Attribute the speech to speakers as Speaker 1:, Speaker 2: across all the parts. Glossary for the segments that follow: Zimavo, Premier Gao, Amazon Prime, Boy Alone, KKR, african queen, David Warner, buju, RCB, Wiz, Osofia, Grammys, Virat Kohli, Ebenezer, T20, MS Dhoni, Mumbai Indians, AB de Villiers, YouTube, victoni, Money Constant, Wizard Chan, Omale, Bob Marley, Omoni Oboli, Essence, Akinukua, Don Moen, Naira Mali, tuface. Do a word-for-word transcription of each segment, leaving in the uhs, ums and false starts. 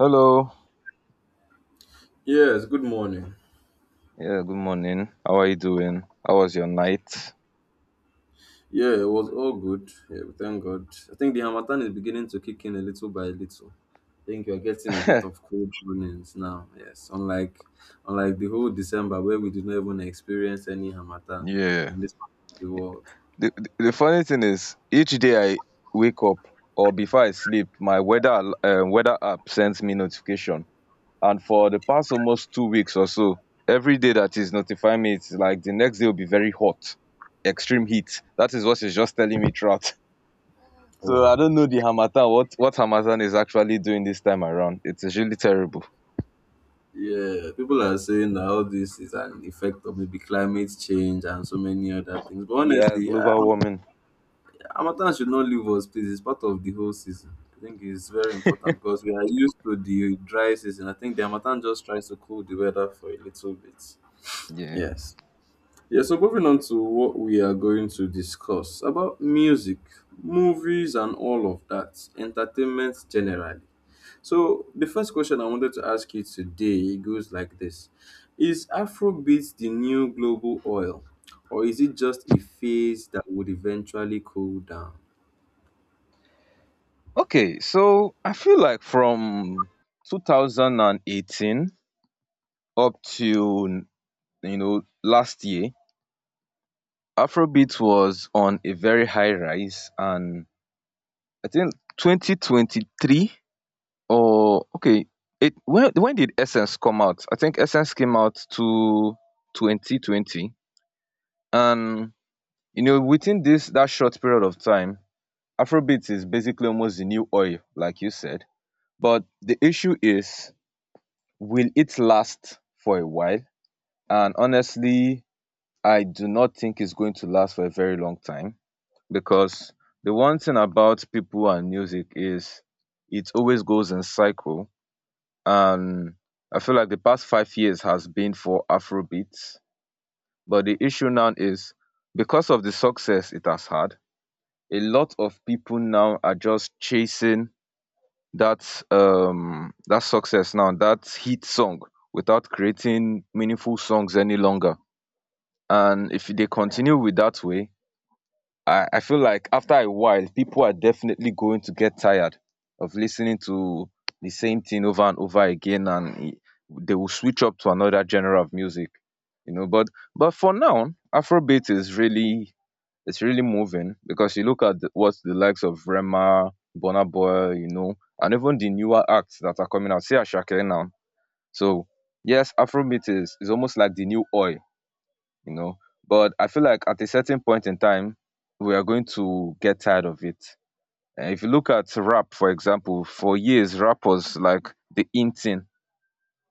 Speaker 1: Hello.
Speaker 2: Yes, good morning.
Speaker 1: Yeah, good morning. How are you doing? How was your night?
Speaker 2: Yeah, it was all good. Yeah, we thank God. I think the Hamatan is beginning to kick in a little by little. I think you're getting a bit of cold mornings now. Yes, unlike unlike the whole December where we did not even experience any Hamatan
Speaker 1: Yeah.
Speaker 2: in this part of the world.
Speaker 1: The, the, the funny thing is, each day I wake up or before I sleep, my weather al- uh, weather app sends me notification. And for the past almost two weeks or so, every day that is notifying me, it's like the next day will be very hot, extreme heat. That is what it's just telling me throughout. So I
Speaker 2: Wow.
Speaker 1: don't know the Hamatan, what, what Hamatan is actually doing this time around. It's really terrible.
Speaker 2: Yeah, people are saying that all this is an effect of maybe climate change and so many other things. But
Speaker 1: Yeah,
Speaker 2: honestly, I
Speaker 1: global warming.
Speaker 2: Harmattan should not leave us, please. It's part of the whole season. I think it's very important because we are used to the dry season. I think the Harmattan just tries to cool the weather for a little bit.
Speaker 1: Yeah.
Speaker 2: Yes. Yeah, so moving on to what we are going to discuss about music, movies, and all of that, entertainment generally. So, the first question I wanted to ask you today goes like this: is Afrobeat the new global oil, or is it just a phase that would eventually cool down?
Speaker 1: Okay, so I feel like from two thousand eighteen up to you know last year, Afrobeat was on a very high rise, and I think twenty twenty-three or okay, it when when did Essence come out? I think Essence came out to twenty twenty, and you know within this that short period of time, Afrobeat is basically almost the new oil, like you said. But the issue is will it last for a while, and honestly I do not think it's going to last for a very long time because the one thing about people and music is it always goes in cycle. And I feel like the past five years has been for afrobeats, but the issue now is because of the success it has had, a lot of people now are just chasing that um that success, now that hit song, without creating meaningful songs any longer. And if they continue with that way, i i feel like after a while people are definitely going to get tired of listening to the same thing over and over again, and e- they will switch up to another genre of music, you know. But but for now, afrobeat is really, it's really moving because you look at the- what the likes of Rema, Burna Boy, you know, and even the newer acts that are coming out. See Ashake now. So yes, Afrobeat is is almost like the new oil, you know. But I feel like at a certain point in time, we are going to get tired of it. And if you look at rap, for example, for years rappers like the Intin,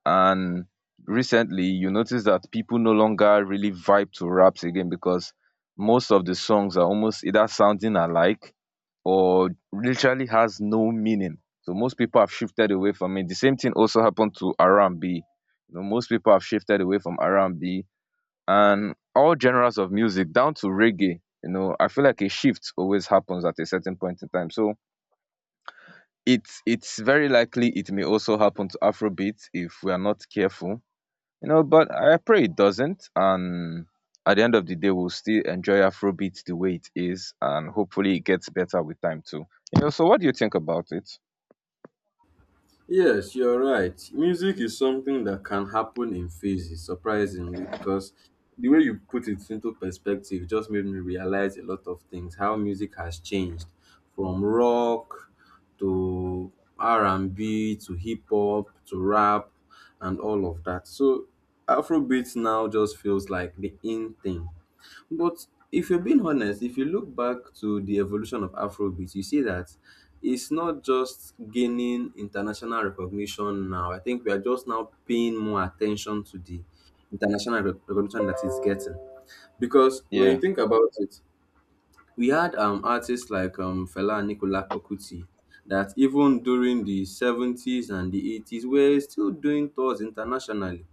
Speaker 1: and recently you notice that people no longer really vibe to raps again because most of the songs are almost either sounding alike or literally has no meaning. So most people have shifted away from it. The same thing also happened to R and B. You know, most people have shifted away from R and B and B and all genres of music down to reggae. You know, I feel like a shift always happens at a certain point in time. So it's it's very likely it may also happen to Afrobeat if we are not careful, you know, but I pray it doesn't. And at the end of the day, we'll still enjoy afrobeat the way it is, and hopefully it gets better with time too, you know. So what do you think about it?
Speaker 2: Yes, you're right. Music is something that can happen in phases, surprisingly, because the way you put it into perspective just made me realize a lot of things. How music has changed from rock to R and B to hip hop to rap and all of that. So Afrobeat now just feels like the in thing. But if you're being honest, if you look back to the evolution of Afrobeat, you see that it's not just gaining international recognition now. I think we are just now paying more attention to the international rec- recognition that it's getting. Because when
Speaker 1: Yeah.
Speaker 2: you think about it, we had um, artists like um, Fela and Nicola Bokuti that even during the seventies and the eighties were still doing tours internationally.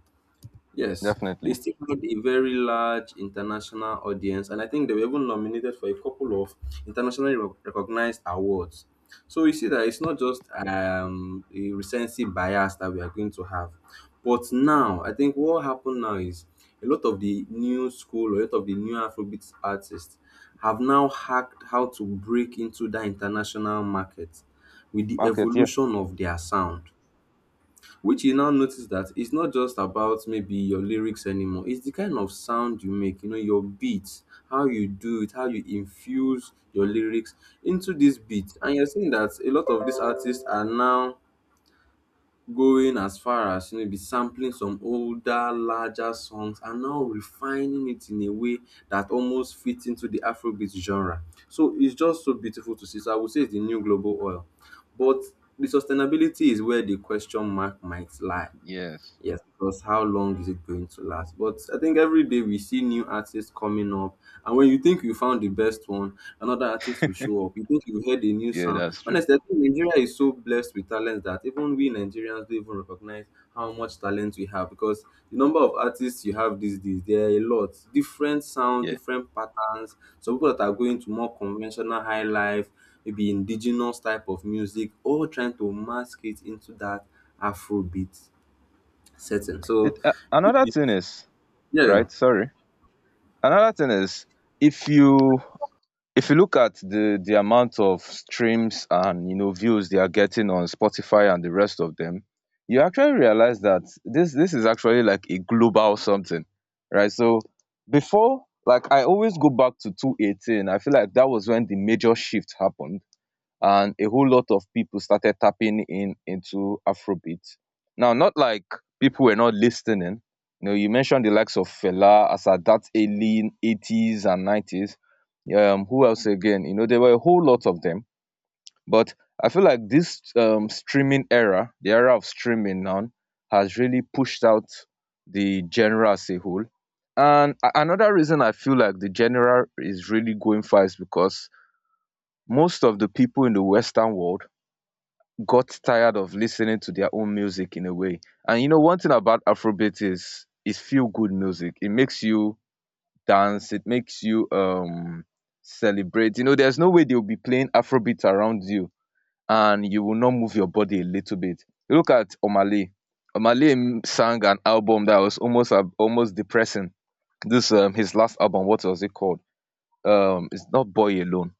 Speaker 2: Yes, they
Speaker 1: Definitely.
Speaker 2: still had a very large international audience, and I think they were even nominated for a couple of internationally rec- recognized awards. So you see that it's not just um, a recency bias that we are going to have. But now, I think what happened now is a lot of the new school, a lot of the new Afrobeat artists have now hacked how to break into the international market with the
Speaker 1: Market, yeah.
Speaker 2: evolution of their sound, which you now notice that it's not just about maybe your lyrics anymore. It's the kind of sound you make, you know, your beats, how you do it, how you infuse your lyrics into this beat. And you're seeing that a lot of these artists are now going as far as, you know, be sampling some older, larger songs and now refining it in a way that almost fits into the Afrobeat genre. So it's just so beautiful to see. So I would say it's the new global oil. But the sustainability is where the question mark might lie.
Speaker 1: Yes.
Speaker 2: Yes, because how long is it going to last? But I think every day we see new artists coming up, and when you think you found the best one, another artist will show up. You think you heard a new
Speaker 1: Yeah,
Speaker 2: sound.
Speaker 1: that's true.
Speaker 2: Honestly, I think Nigeria is so blessed with talent that even we Nigerians don't even recognize how much talent we have, because the number of artists you have these days, there are a lot. Different sounds,
Speaker 1: Yeah.
Speaker 2: different patterns. Some people that are going to more conventional high life, maybe indigenous type of music, all trying to mask it into that Afrobeat setting.
Speaker 1: The,
Speaker 2: So,
Speaker 1: uh, another
Speaker 2: it-
Speaker 1: thing is,
Speaker 2: yeah,
Speaker 1: right, sorry, another thing is, if you, if you look at the the amount of streams and you know views they are getting on Spotify and the rest of them, you actually realize that this this is actually like a global something, right? So before, like, I always go back to two eighteen, I feel like that was when the major shift happened, and a whole lot of people started tapping in into Afrobeat. Now, not like people were not listening. You know, you mentioned the likes of Fela as at that early eighties and nineties. Um, who else again? You know, there were a whole lot of them. But I feel like this um, streaming era, the era of streaming now, has really pushed out the genre as a whole. And a- another reason I feel like the genre is really going far is because most of the people in the Western world got tired of listening to their own music in a way. And you know, one thing about Afrobeat is is feel good music. It makes you dance. It makes you um celebrate. You know, there's no way they'll be playing Afrobeat around you and you will not move your body a little bit. Look at Omale. Omale m- sang an album that was almost ab- almost depressing. This um his last album. What was it called? Um, it's not Boy Alone,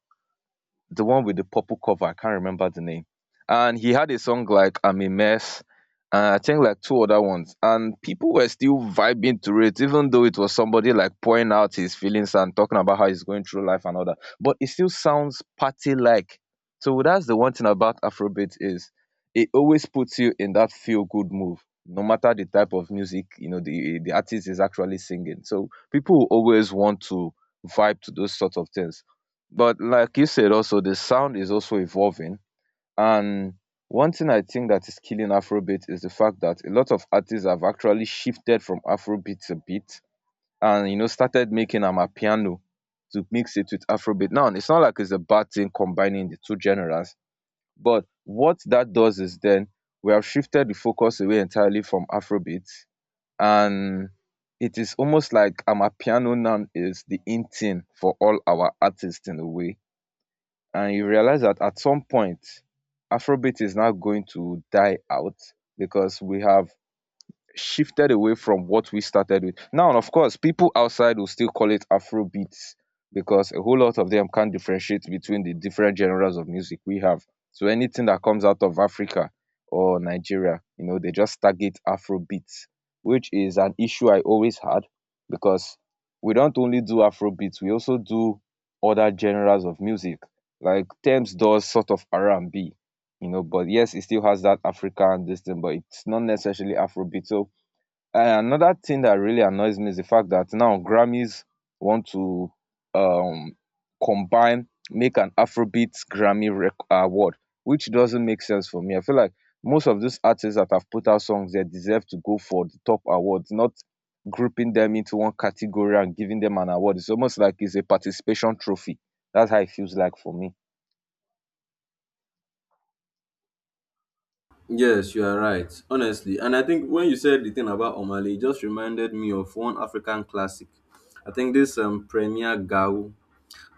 Speaker 1: the one with the purple cover. I can't remember the name. And he had a song like "I'm a Mess," and I think like two other ones. And people were still vibing to it, even though it was somebody like pouring out his feelings and talking about how he's going through life and all that. But it still sounds party like. So that's the one thing about Afrobeat is it always puts you in that feel good move, no matter the type of music you know the the artist is actually singing. So people will always want to vibe to those sort of things. But like you said, also the sound is also evolving. And one thing I think that is killing Afrobeat is the fact that a lot of artists have actually shifted from Afrobeat a bit, and you know started making amapiano to mix it with Afrobeat. Now it's not like it's a bad thing combining the two genres, but what that does is then we have shifted the focus away entirely from Afrobeat, and it is almost like amapiano now is the in thing for all our artists in a way. And you realize that at some point afrobeat is now going to die out because we have shifted away from what we started with. Now, of course, people outside will still call it Afro because a whole lot of them can't differentiate between the different genres of music we have. So anything that comes out of Africa or Nigeria, you know, they just target Afro beats, which is an issue I always had because we don't only do Afro, we also do other genres of music. Like Thames does sort of R and B, you know, but yes, it still has that African this thing, but it's not necessarily Afrobeat. So, and another thing that really annoys me is the fact that now Grammys want to um, combine, make an Afrobeat Grammy rec- award, which doesn't make sense for me. I feel like most of these artists that have put out songs, they deserve to go for the top awards, not grouping them into one category and giving them an award. It's almost like it's a participation trophy. That's how it feels like for me.
Speaker 2: yes, you are right, honestly. And I think when you said the thing about Omali, it just reminded me of one African classic. I think this um, Premier Gao,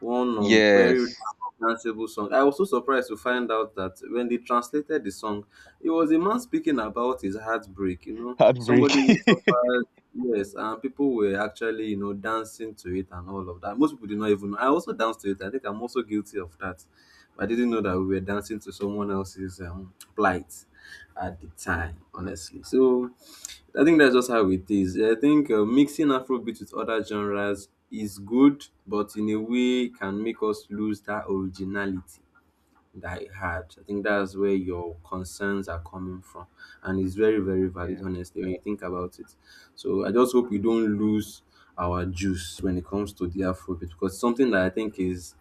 Speaker 2: one um, very
Speaker 1: Yes,
Speaker 2: danceable song. I was so surprised to find out that when they translated the song, it was a man speaking about his heartbreak. You know, somebody who
Speaker 1: heartbreaking.
Speaker 2: suffered. Yes, and people were actually, you know, dancing to it and all of that. Most people did not even know. I also danced to it. I think I'm also guilty of that. I didn't know that we were dancing to someone else's um, plight at the time, honestly. So I think that's just how it is. I think uh, mixing Afrobeat with other genres is good, but in a way can make us lose that originality that it had. I think that's where your concerns are coming from, and it's very, very valid,
Speaker 1: Yeah.
Speaker 2: honestly, when you think about it. So I just hope we don't lose our juice when it comes to the Afrobeat, because it's something that I think is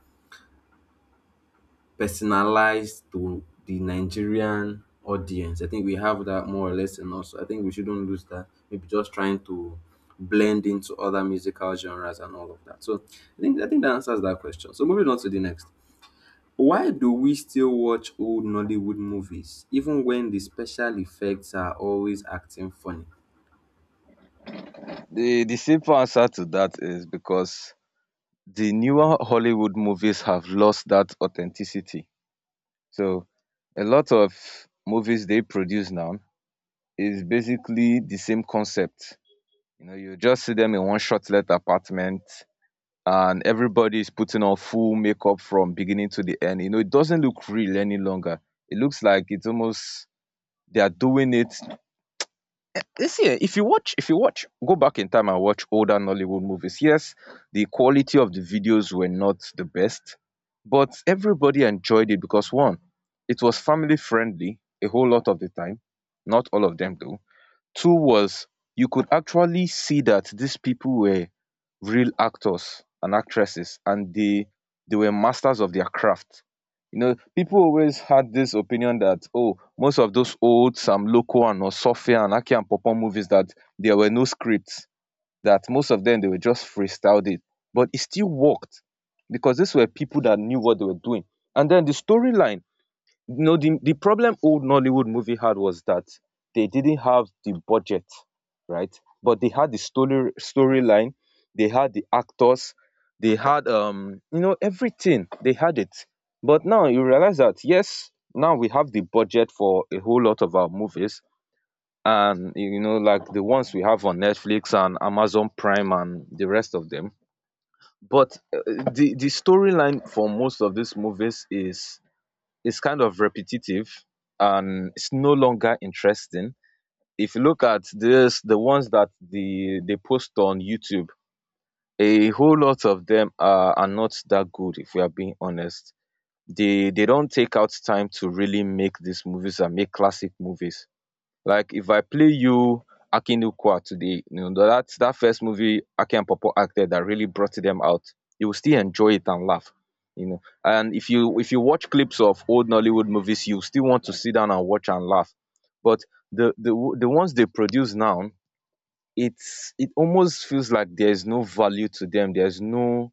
Speaker 2: personalized to the Nigerian audience. I think we have that more or less in us. I think we shouldn't lose that. Maybe just trying to blend into other musical genres and all of that. So I think I think that answers that question. So moving on to the next. Why do we still watch old Nollywood movies even when the special effects are always acting funny?
Speaker 1: The the simple answer to that is because the newer Hollywood movies have lost that authenticity. So a lot of movies they produce now is basically the same concept. You know, you just see them in one short let apartment and everybody is putting on full makeup from beginning to the end. You know, it doesn't look real any longer. It looks like it's almost they are doing it. You see, year, if you watch, if you watch, go back in time and watch older Nollywood movies. Yes, the quality of the videos were not the best, but everybody enjoyed it because one, it was family friendly a whole lot of the time, not all of them though. Two was you could actually see that these people were real actors and actresses, and they they were masters of their craft. You know, people always had this opinion that oh, most of those old Sam Loco and Osofia and Aki and Popon movies that there were no scripts, that most of them they were just freestyled it. But it still worked because these were people that knew what they were doing. And then the storyline, no, the the problem old Nollywood movie had was that they didn't have the budget, right? But they had the story storyline, they had the actors, they had um you know everything. They had it. But now you realize that yes, now we have the budget for a whole lot of our movies, and you know like the ones we have on Netflix and Amazon Prime and the rest of them. But uh, the the storyline for most of these movies is it's kind of repetitive, and it's no longer interesting. If you look at this, the ones that the they post on YouTube, a whole lot of them are, are not that good. If we are being honest, they they don't take out time to really make these movies and make classic movies. Like if I play you Akinukua today, you know, that's that first movie Aki and Popo acted that really brought them out, you will still enjoy it and laugh. You know, and if you if you watch clips of old Nollywood movies, you still want to sit down and watch and laugh. But the the w- the ones they produce now, it's it almost feels like there's no value to them. There's no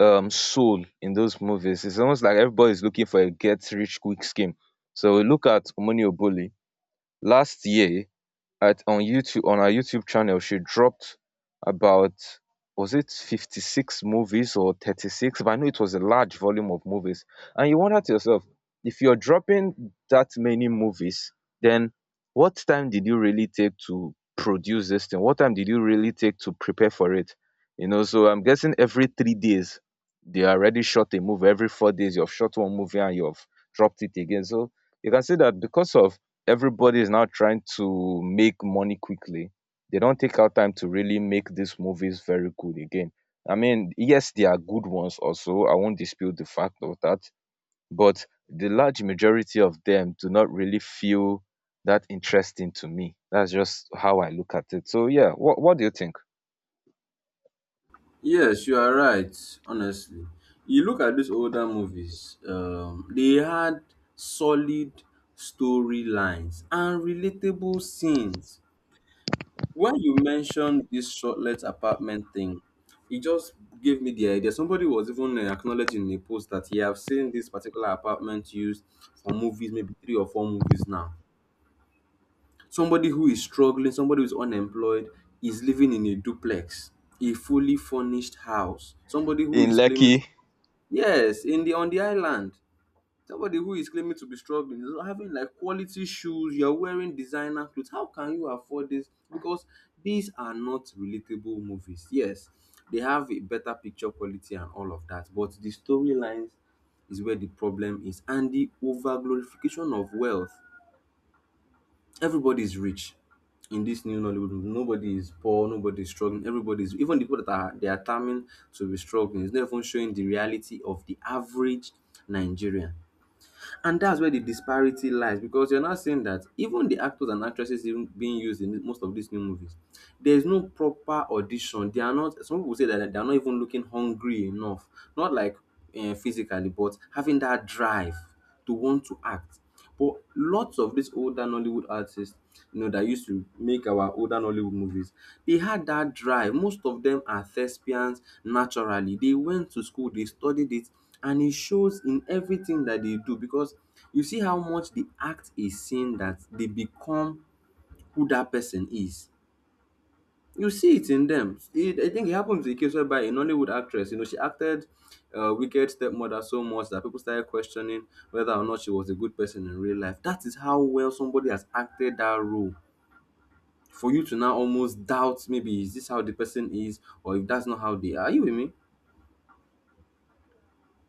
Speaker 1: um soul in those movies. It's almost like everybody's looking for a get rich quick scheme. So we look at Omoni Oboli last year at on YouTube, on her YouTube channel. She dropped about, was it fifty-six movies or thirty-six? But I know it was a large volume of movies. And you wonder to yourself, if you're dropping that many movies, then what time did you really take to produce this thing? What time did you really take to prepare for it? You know, so I'm guessing every three days they already shot a movie. Every four days you've shot one movie and you've dropped it again. So you can see that, because of, everybody is now trying to make money quickly. They don't take out time to really make these movies very good again. I mean, yes, they are good ones also. I won't dispute the fact of that. But the large majority of them do not really feel that interesting to me. That's just how I look at it. So yeah, what what do you think?
Speaker 2: Yes, you are right, honestly. You look at these older movies, um, they had solid storylines and relatable scenes. When you mentioned this shortlet apartment thing, it just gave me the idea. Somebody was even uh, acknowledging in a post that he have seen this particular apartment used for movies, maybe three or four movies now. Somebody who is struggling, somebody who is unemployed, is living in a duplex, a fully furnished house. Somebody who
Speaker 1: In
Speaker 2: is claiming.
Speaker 1: Lekki.
Speaker 2: Yes, in the on the island, somebody who is claiming to be struggling is having like quality shoes, you're wearing designer clothes. How can you afford this? Because these are not relatable movies. Yes, they have a better picture quality and all of that, but the storylines is where the problem is, and the over glorification of wealth. Everybody is rich in this new Nollywood movie. Nobody is poor, nobody is struggling. Everybody is, even the people that are they are terming to be struggling. It's not even showing the reality of the average Nigerian. And that's where the disparity lies, because you're not saying that even the actors and actresses even being used in most of these new movies, there is no proper audition. They are not. Some people say that they are not even looking hungry enough, not like uh, physically, but having that drive to want to act. But lots of these older Nollywood artists, you know, that used to make our older Nollywood movies, they had that drive. Most of them are thespians naturally. They went to school, they studied it, and it shows in everything that they do, because you see how much they act a scene that they become who that person is. You see it in them. It, I think it happened to a case whereby a Nollywood actress, you know, she acted uh, Wicked Stepmother so much that people started questioning whether or not she was a good person in real life. That is how well somebody has acted that role. For you to now almost doubt maybe is this how the person is, or if that's not how they are. Are you with me?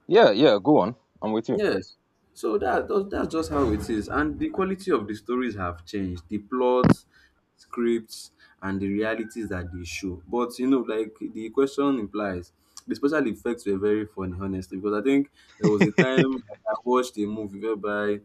Speaker 1: Yeah, yeah, go on. I'm with you.
Speaker 2: Yes. So that, that that's just how it is, and the quality of the stories have changed. The plots, scripts, and the realities that they show. But you know, like the question implies, the special effects were very funny, honestly. Because I think there was a time I watched a movie whereby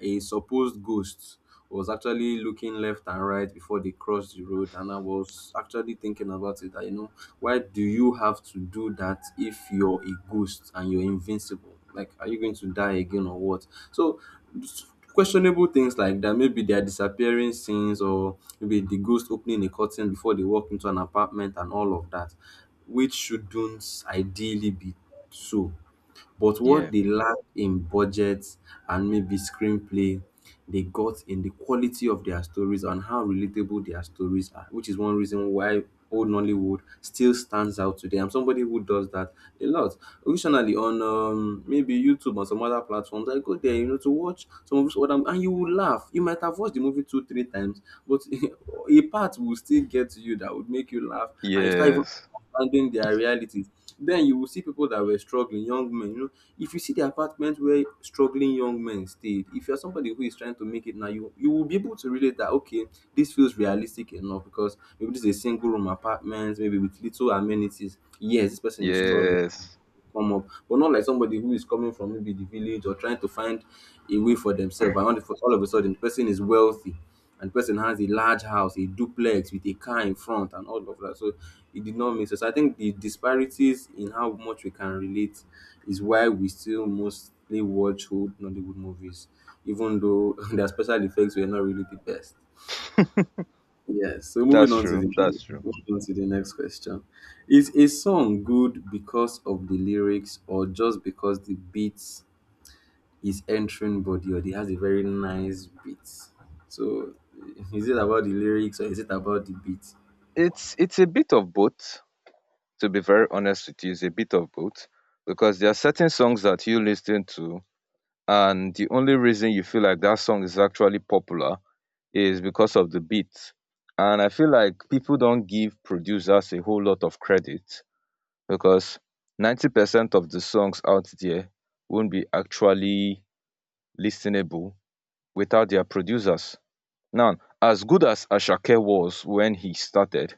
Speaker 2: a supposed ghost was actually looking left and right before they crossed the road, and I was actually thinking about it that, you know, why do you have to do that if you're a ghost and you're invincible? Like, are you going to die again or what? So s- questionable things like that, maybe they are disappearing scenes, or maybe the ghost opening a curtain before they walk into an apartment and all of that, which shouldn't ideally be so. But what
Speaker 1: Yeah.
Speaker 2: they lack in budgets and maybe screenplay, they got in the quality of their stories and how relatable their stories are, which is one reason why old Nollywood still stands out today. I'm somebody who does that a lot. Originally on um, maybe YouTube or some other platforms, I go there, you know, to watch some of those other, and you will laugh. You might have watched the movie two, three times, but a part will still get to you that would make you laugh, and you start even
Speaker 1: Yes.
Speaker 2: understanding their realities. Then you will see people that were struggling, young men. You know, if you see the apartment where struggling young men stayed, if you're somebody who is trying to make it now, you you will be able to relate that okay, this feels realistic enough because maybe this is a single room apartment, maybe with little amenities. Yes, this person is struggling,
Speaker 1: Yes.
Speaker 2: come up, but not like somebody who is coming from maybe the village or trying to find a way for themselves. And all of, all of a sudden, the person is wealthy and the person has a large house, a duplex with a car in front, and all of that. So it did not make sense. I think the disparities in how much we can relate is why we still mostly watch old Nollywood movies, even though their special effects were not really the best. Yes. So moving
Speaker 1: That's
Speaker 2: on to the
Speaker 1: true. That's true.
Speaker 2: moving on to the next question. Is a song good because of the lyrics or just because the beat is entering body or it has a very nice beat? So is it about the lyrics or is it about the beat?
Speaker 1: It's it's a bit of both, to be very honest with you. Is a bit of both, because there are certain songs that you listen to, and the only reason you feel like that song is actually popular is because of the beat. And I feel like people don't give producers a whole lot of credit, because ninety percent of the songs out there won't be actually listenable without their producers. Now, as good as Ashake was when he started,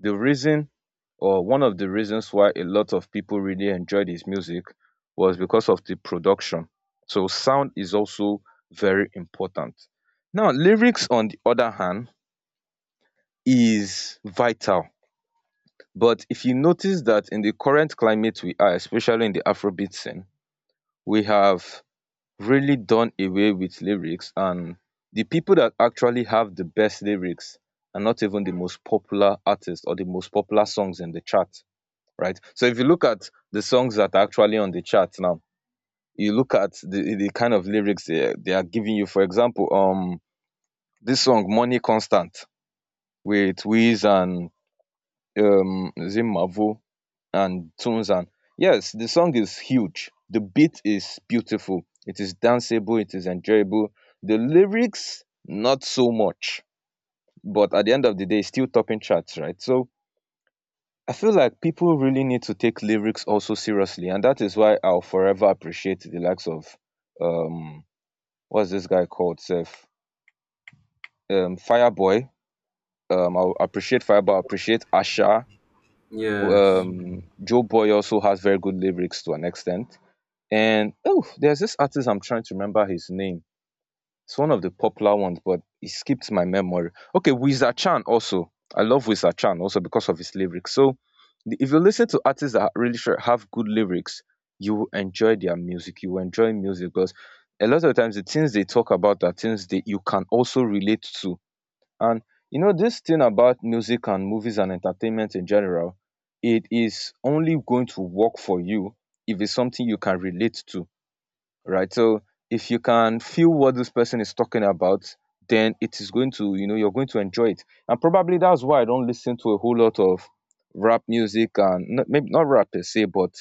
Speaker 1: the reason, or one of the reasons why a lot of people really enjoyed his music, was because of the production. So sound is also very important. Now, lyrics on the other hand is vital. But if you notice that in the current climate we are, especially in the Afrobeat scene, we have really done away with lyrics, and the people that actually have the best lyrics are not even the most popular artists or the most popular songs in the chart, right? So if you look at the songs that are actually on the chart now, you look at the the kind of lyrics they, they are giving you. For example, um, this song "Money Constant" with Wiz and um Zimavo and Tunzan. Yes, the song is huge. The beat is beautiful. It is danceable. It is enjoyable. The lyrics, not so much. But at the end of the day, it's still topping charts, right? So I feel like people really need to take lyrics also seriously, and that is why I'll forever appreciate the likes of um what's this guy called, sef, um Fireboy. um I'll appreciate Fireboy, I appreciate Asha,
Speaker 2: Yes.
Speaker 1: um Joe Boy also has very good lyrics to an extent. And oh, there's this artist I'm trying to remember his name. It's one of the popular ones, but it skipped my memory. Okay, Wizard Chan also. I love Wizard Chan also, because of his lyrics. So the- if you listen to artists that really sure have good lyrics, you will enjoy their music. You will enjoy music, because a lot of times the things they talk about are things that you can also relate to. And you know, this thing about music and movies and entertainment in general, it is only going to work for you if it's something you can relate to, right? So if you can feel what this person is talking about, then it is going to, you know, you're going to enjoy it. And probably that's why I don't listen to a whole lot of rap music. And not, maybe not rap per se, but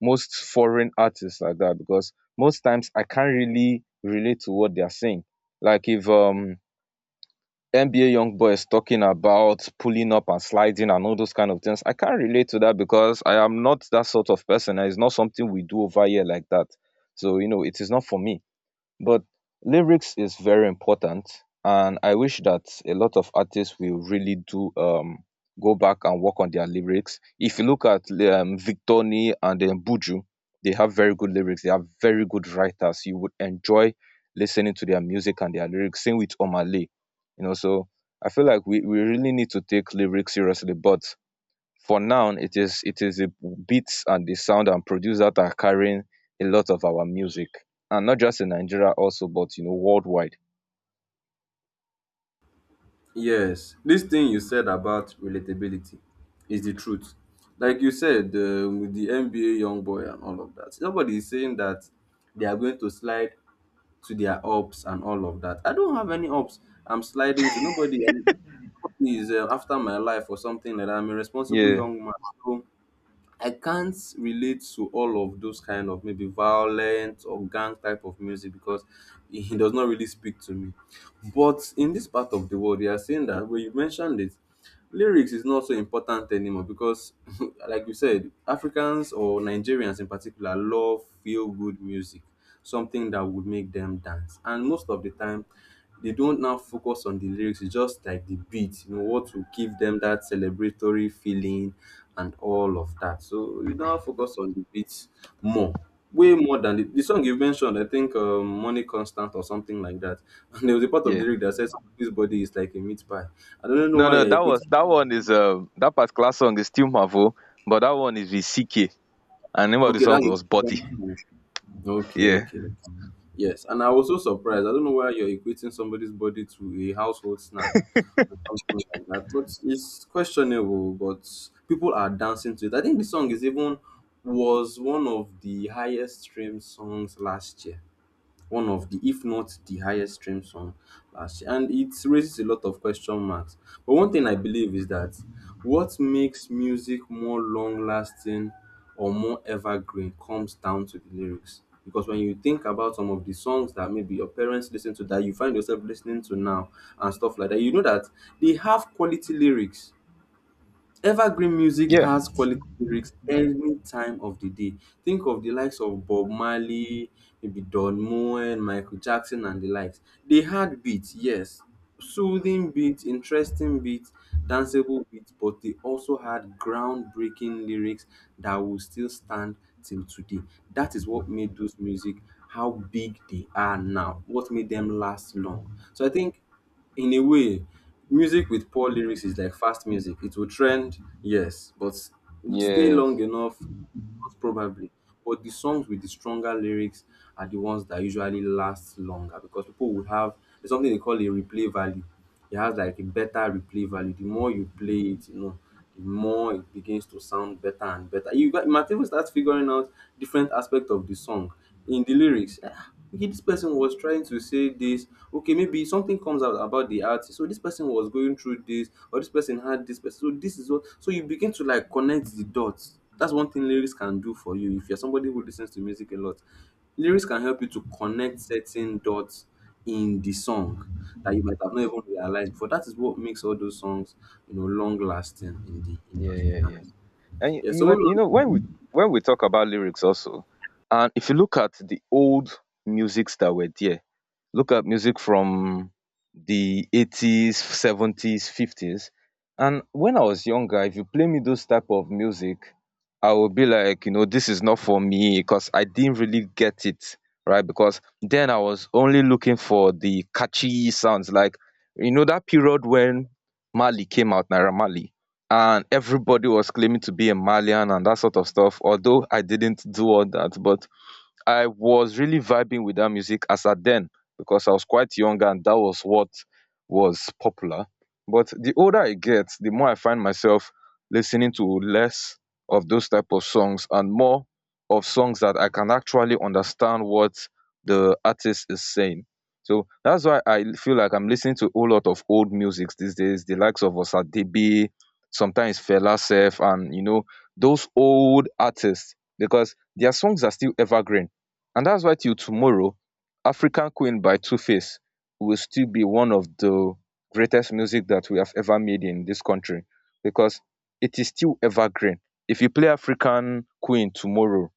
Speaker 1: most foreign artists like that, because most times I can't really relate to what they are saying. Like if um N B A Young Boy is talking about pulling up and sliding and all those kind of things, I can't relate to that, because I am not that sort of person. And It's not something we do over here like that. So you know, it is not for me. But lyrics is very important, and I wish that a lot of artists will really do, um go back and work on their lyrics. If you look at um, Victoni and um, Buju, they have very good lyrics. They are very good writers. You would enjoy listening to their music and their lyrics, same with Omale. You know, so I feel like we, we really need to take lyrics seriously. But for now, it is it is the beats and the sound and produce that are carrying a lot of our music, and not just in Nigeria also, but you know, worldwide.
Speaker 2: Yes, this thing you said about relatability is the truth. Like you said, um, with the N B A young boy and all of that, nobody is saying that they are going to slide to their ups and all of that. I don't have any ups. I'm sliding to nobody. um, Nobody is uh, after my life or something like that. I'm a responsible
Speaker 1: Yeah,
Speaker 2: young man. So I can't relate to all of those kind of maybe violent or gang type of music because it does not really speak to me. But in this part of the world, we are seeing that when you mentioned it, lyrics is not so important anymore because, like you said, Africans or Nigerians in particular love feel good music, something that would make them dance. And most of the time, they don't now focus on the lyrics, it's just like the beat, you know, what will give them that celebratory feeling and all of that. So we now focus on the beats more, way more than the, the song you mentioned. I think um, "Money Constant" or something like that. And there was a part of the
Speaker 1: yeah.
Speaker 2: lyric that says "Somebody's body is like a meat pie." I don't know
Speaker 1: No,
Speaker 2: why
Speaker 1: no,
Speaker 2: you're
Speaker 1: that
Speaker 2: equating.
Speaker 1: was, that one is, um that particular song is still Marvel, but that one is with CK, and the name of the
Speaker 2: Okay,
Speaker 1: song
Speaker 2: that's a
Speaker 1: was
Speaker 2: different
Speaker 1: Body.
Speaker 2: song. Okay,
Speaker 1: Yeah.
Speaker 2: okay. Yes, and I was so surprised. I don't know why you're equating somebody's body to a household snack or something like that, but it's questionable. But people are dancing to it. I think the song is even was one of the highest streamed songs last year, one of the, if not the highest stream song last year, and it raises a lot of question marks. But one thing I believe is that what makes music more long lasting or more evergreen comes down to the lyrics, because when you think about some of the songs that maybe your parents listen to that you find yourself listening to now and stuff like that, you know that they have quality lyrics. Evergreen music
Speaker 1: Yeah.
Speaker 2: has quality lyrics any time of the day. Think of the likes of Bob Marley, maybe Don Moen, Michael Jackson, and the likes. They had beats, yes, soothing beats, interesting beats, danceable beats, but they also had groundbreaking lyrics that will still stand till today. That is what made those music how big they are now, what made them last long. So I think in a way, music with poor lyrics is like fast music. It will trend, yes, but it will stay long
Speaker 1: Yes.
Speaker 2: enough, most probably. But the songs with the stronger lyrics are the ones that usually last longer because people will have, there's something they call a replay value. It has like a better replay value. The more you play it, you know, the more it begins to sound better and better. You, got, you might even start figuring out different aspects of the song in the lyrics. Ah, okay, this person was trying to say this. Okay, maybe something comes out about the artist, so this person was going through this, or this person had this person. So this is what, so you begin to like connect the dots. That's one thing lyrics can do for you. If you're somebody who listens to music a lot, lyrics can help you to connect certain dots in the song that you might have not even realized before. That is what makes all those songs, you know, long lasting in the
Speaker 1: Yeah,
Speaker 2: industry,
Speaker 1: yeah, yeah.
Speaker 2: honestly.
Speaker 1: And you,
Speaker 2: Yeah,
Speaker 1: you
Speaker 2: so
Speaker 1: were-
Speaker 2: moving
Speaker 1: you
Speaker 2: on.
Speaker 1: know when we, when we talk about lyrics also, and if you look at the old musics that were there, look at music from the eighties, seventies, fifties. And when I was younger, if you play me those type of music, I would be like, you know, this is not for me, because I didn't really get it, right? Because then I was only looking for the catchy sounds. Like, you know, that period when Mali came out, Naira Mali, and everybody was claiming to be a Malian and that sort of stuff. Although I didn't do all that, but I was really vibing with that music as at then, because I was quite young and that was what was popular. But the older I get, the more I find myself listening to less of those type of songs, and more of songs that I can actually understand what the artist is saying. So that's why I feel like I'm listening to a whole lot of old music these days, the likes of Osadebe, sometimes Fela Sef, and you know, those old artists, because their songs are still evergreen. And that's why till tomorrow, African Queen by Tuface will still be one of the greatest music that we have ever made in this country, because it is still evergreen. If you play African Queen tomorrow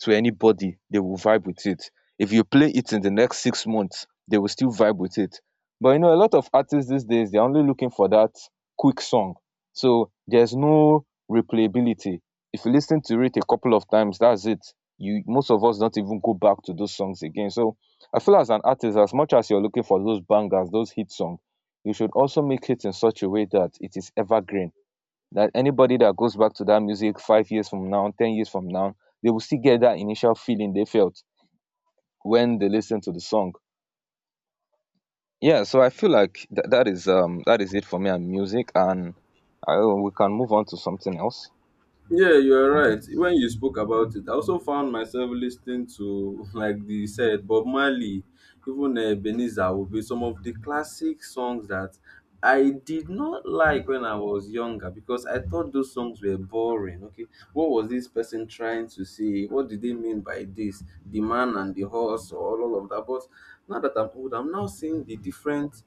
Speaker 1: to anybody, they will vibe with it. If you play it in the next six months, they will still vibe with it. But you know, a lot of artists these days, they're only looking for that quick song. So there's no replayability. If you listen to it a couple of times, that's it. You Most of us don't even go back to those songs again. So I feel as an artist, as much as you're looking for those bangers, those hit songs, you should also make it in such a way that it is evergreen. That anybody that goes back to that music five years from now, ten years from now, they will still get that initial feeling they felt when they listened to the song. Yeah, so I feel like th- that is um that is it for me and music, and I, we can move on to something else.
Speaker 2: Yeah, you are right. When you spoke about it, I also found myself listening to, like they said, Bob Marley, even uh, Ebenezer will be some of the classic songs that I did not like when I was younger because I thought those songs were boring. Okay, what was this person trying to say? What did they mean by this? The man and the horse, or all of that. But now that I'm old, I'm now seeing the different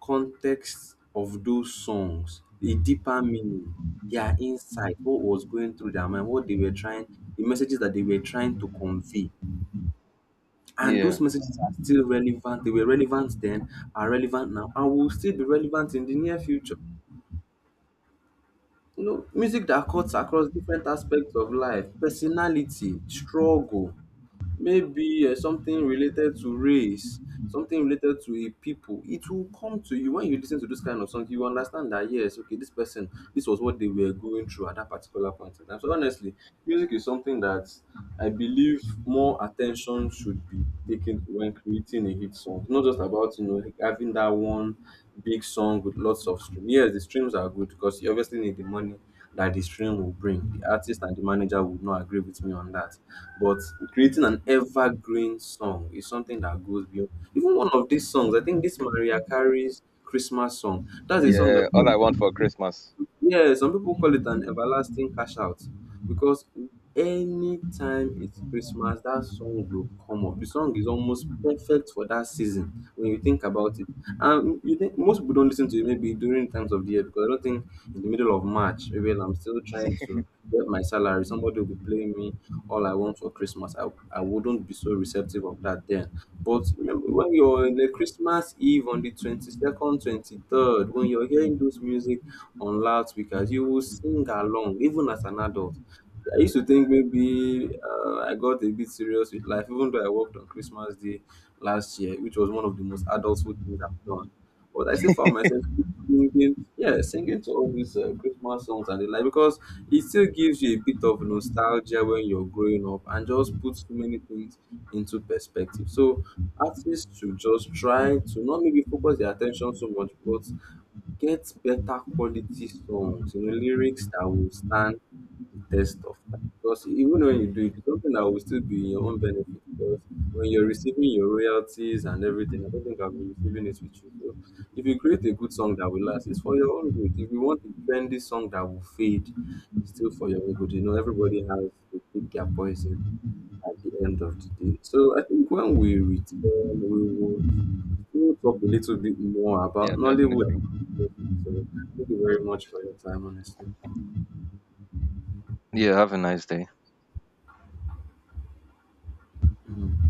Speaker 2: context of those songs, the deeper meaning, their insight, what was going through their mind, what they were trying, the messages that they were trying to convey. And
Speaker 1: Yeah,
Speaker 2: those messages are still relevant. They were relevant then, are relevant now, and will still be relevant in the near future. You know, music that cuts across different aspects of life, personality, struggle, maybe uh, something related to race, something related to a people. It will come to you when you listen to this kind of song. You understand that yes, okay, this person, this was what they were going through at that particular point in time. So honestly, music is something that I believe more attention should be taken to when creating a hit song. It's not just about, you know, like having that one big song with lots of streams. Yes, the streams are good because you obviously need the money that the stream will bring. The artist and the manager would not agree with me on that. But creating an evergreen song is something that goes beyond. Even one of these songs, I think this Maria Carey's Christmas song, that's a song that
Speaker 1: yeah.
Speaker 2: people,
Speaker 1: All I want for Christmas.
Speaker 2: yeah, some people call it an everlasting cash out because anytime it's Christmas, that song will come up. The song is almost perfect for that season when you think about it. And you think most people don't listen to it maybe during times of the year, because I don't think in the middle of March, maybe when I'm still trying to get my salary, somebody will be playing me all I want for Christmas. I, I wouldn't be so receptive of that then. But remember when you're in the Christmas Eve on the twenty-second, twenty-third, when you're hearing those music on loudspeakers, you will sing along, even as an adult. I used to think maybe uh, I got a bit serious with life, even though I worked on Christmas Day last year, which was one of the most adulthood things I've done. But I still found myself singing, yeah, singing to all these uh, Christmas songs and the like, because it still gives you a bit of nostalgia when you're growing up and just puts so many things into perspective. So artists should just try to not maybe focus their attention so much, but get better quality songs, you know, lyrics that will stand the test of time. Because even when you do it, it's something that will still be in your own benefit. Because when you're receiving your royalties and everything, I don't think I'll be receiving it with you. So if you create a good song that will last, it's for your own good. If you want a trendy song that will fade, it's still for your own good. You know, everybody has to pick their poison at the end of the day. So I think when we return, we will we will talk a little bit more about
Speaker 1: Yeah, definitely.
Speaker 2: Nollywood. So thank you very much for your time, honestly.
Speaker 1: Yeah. Have a nice day.
Speaker 2: Mm.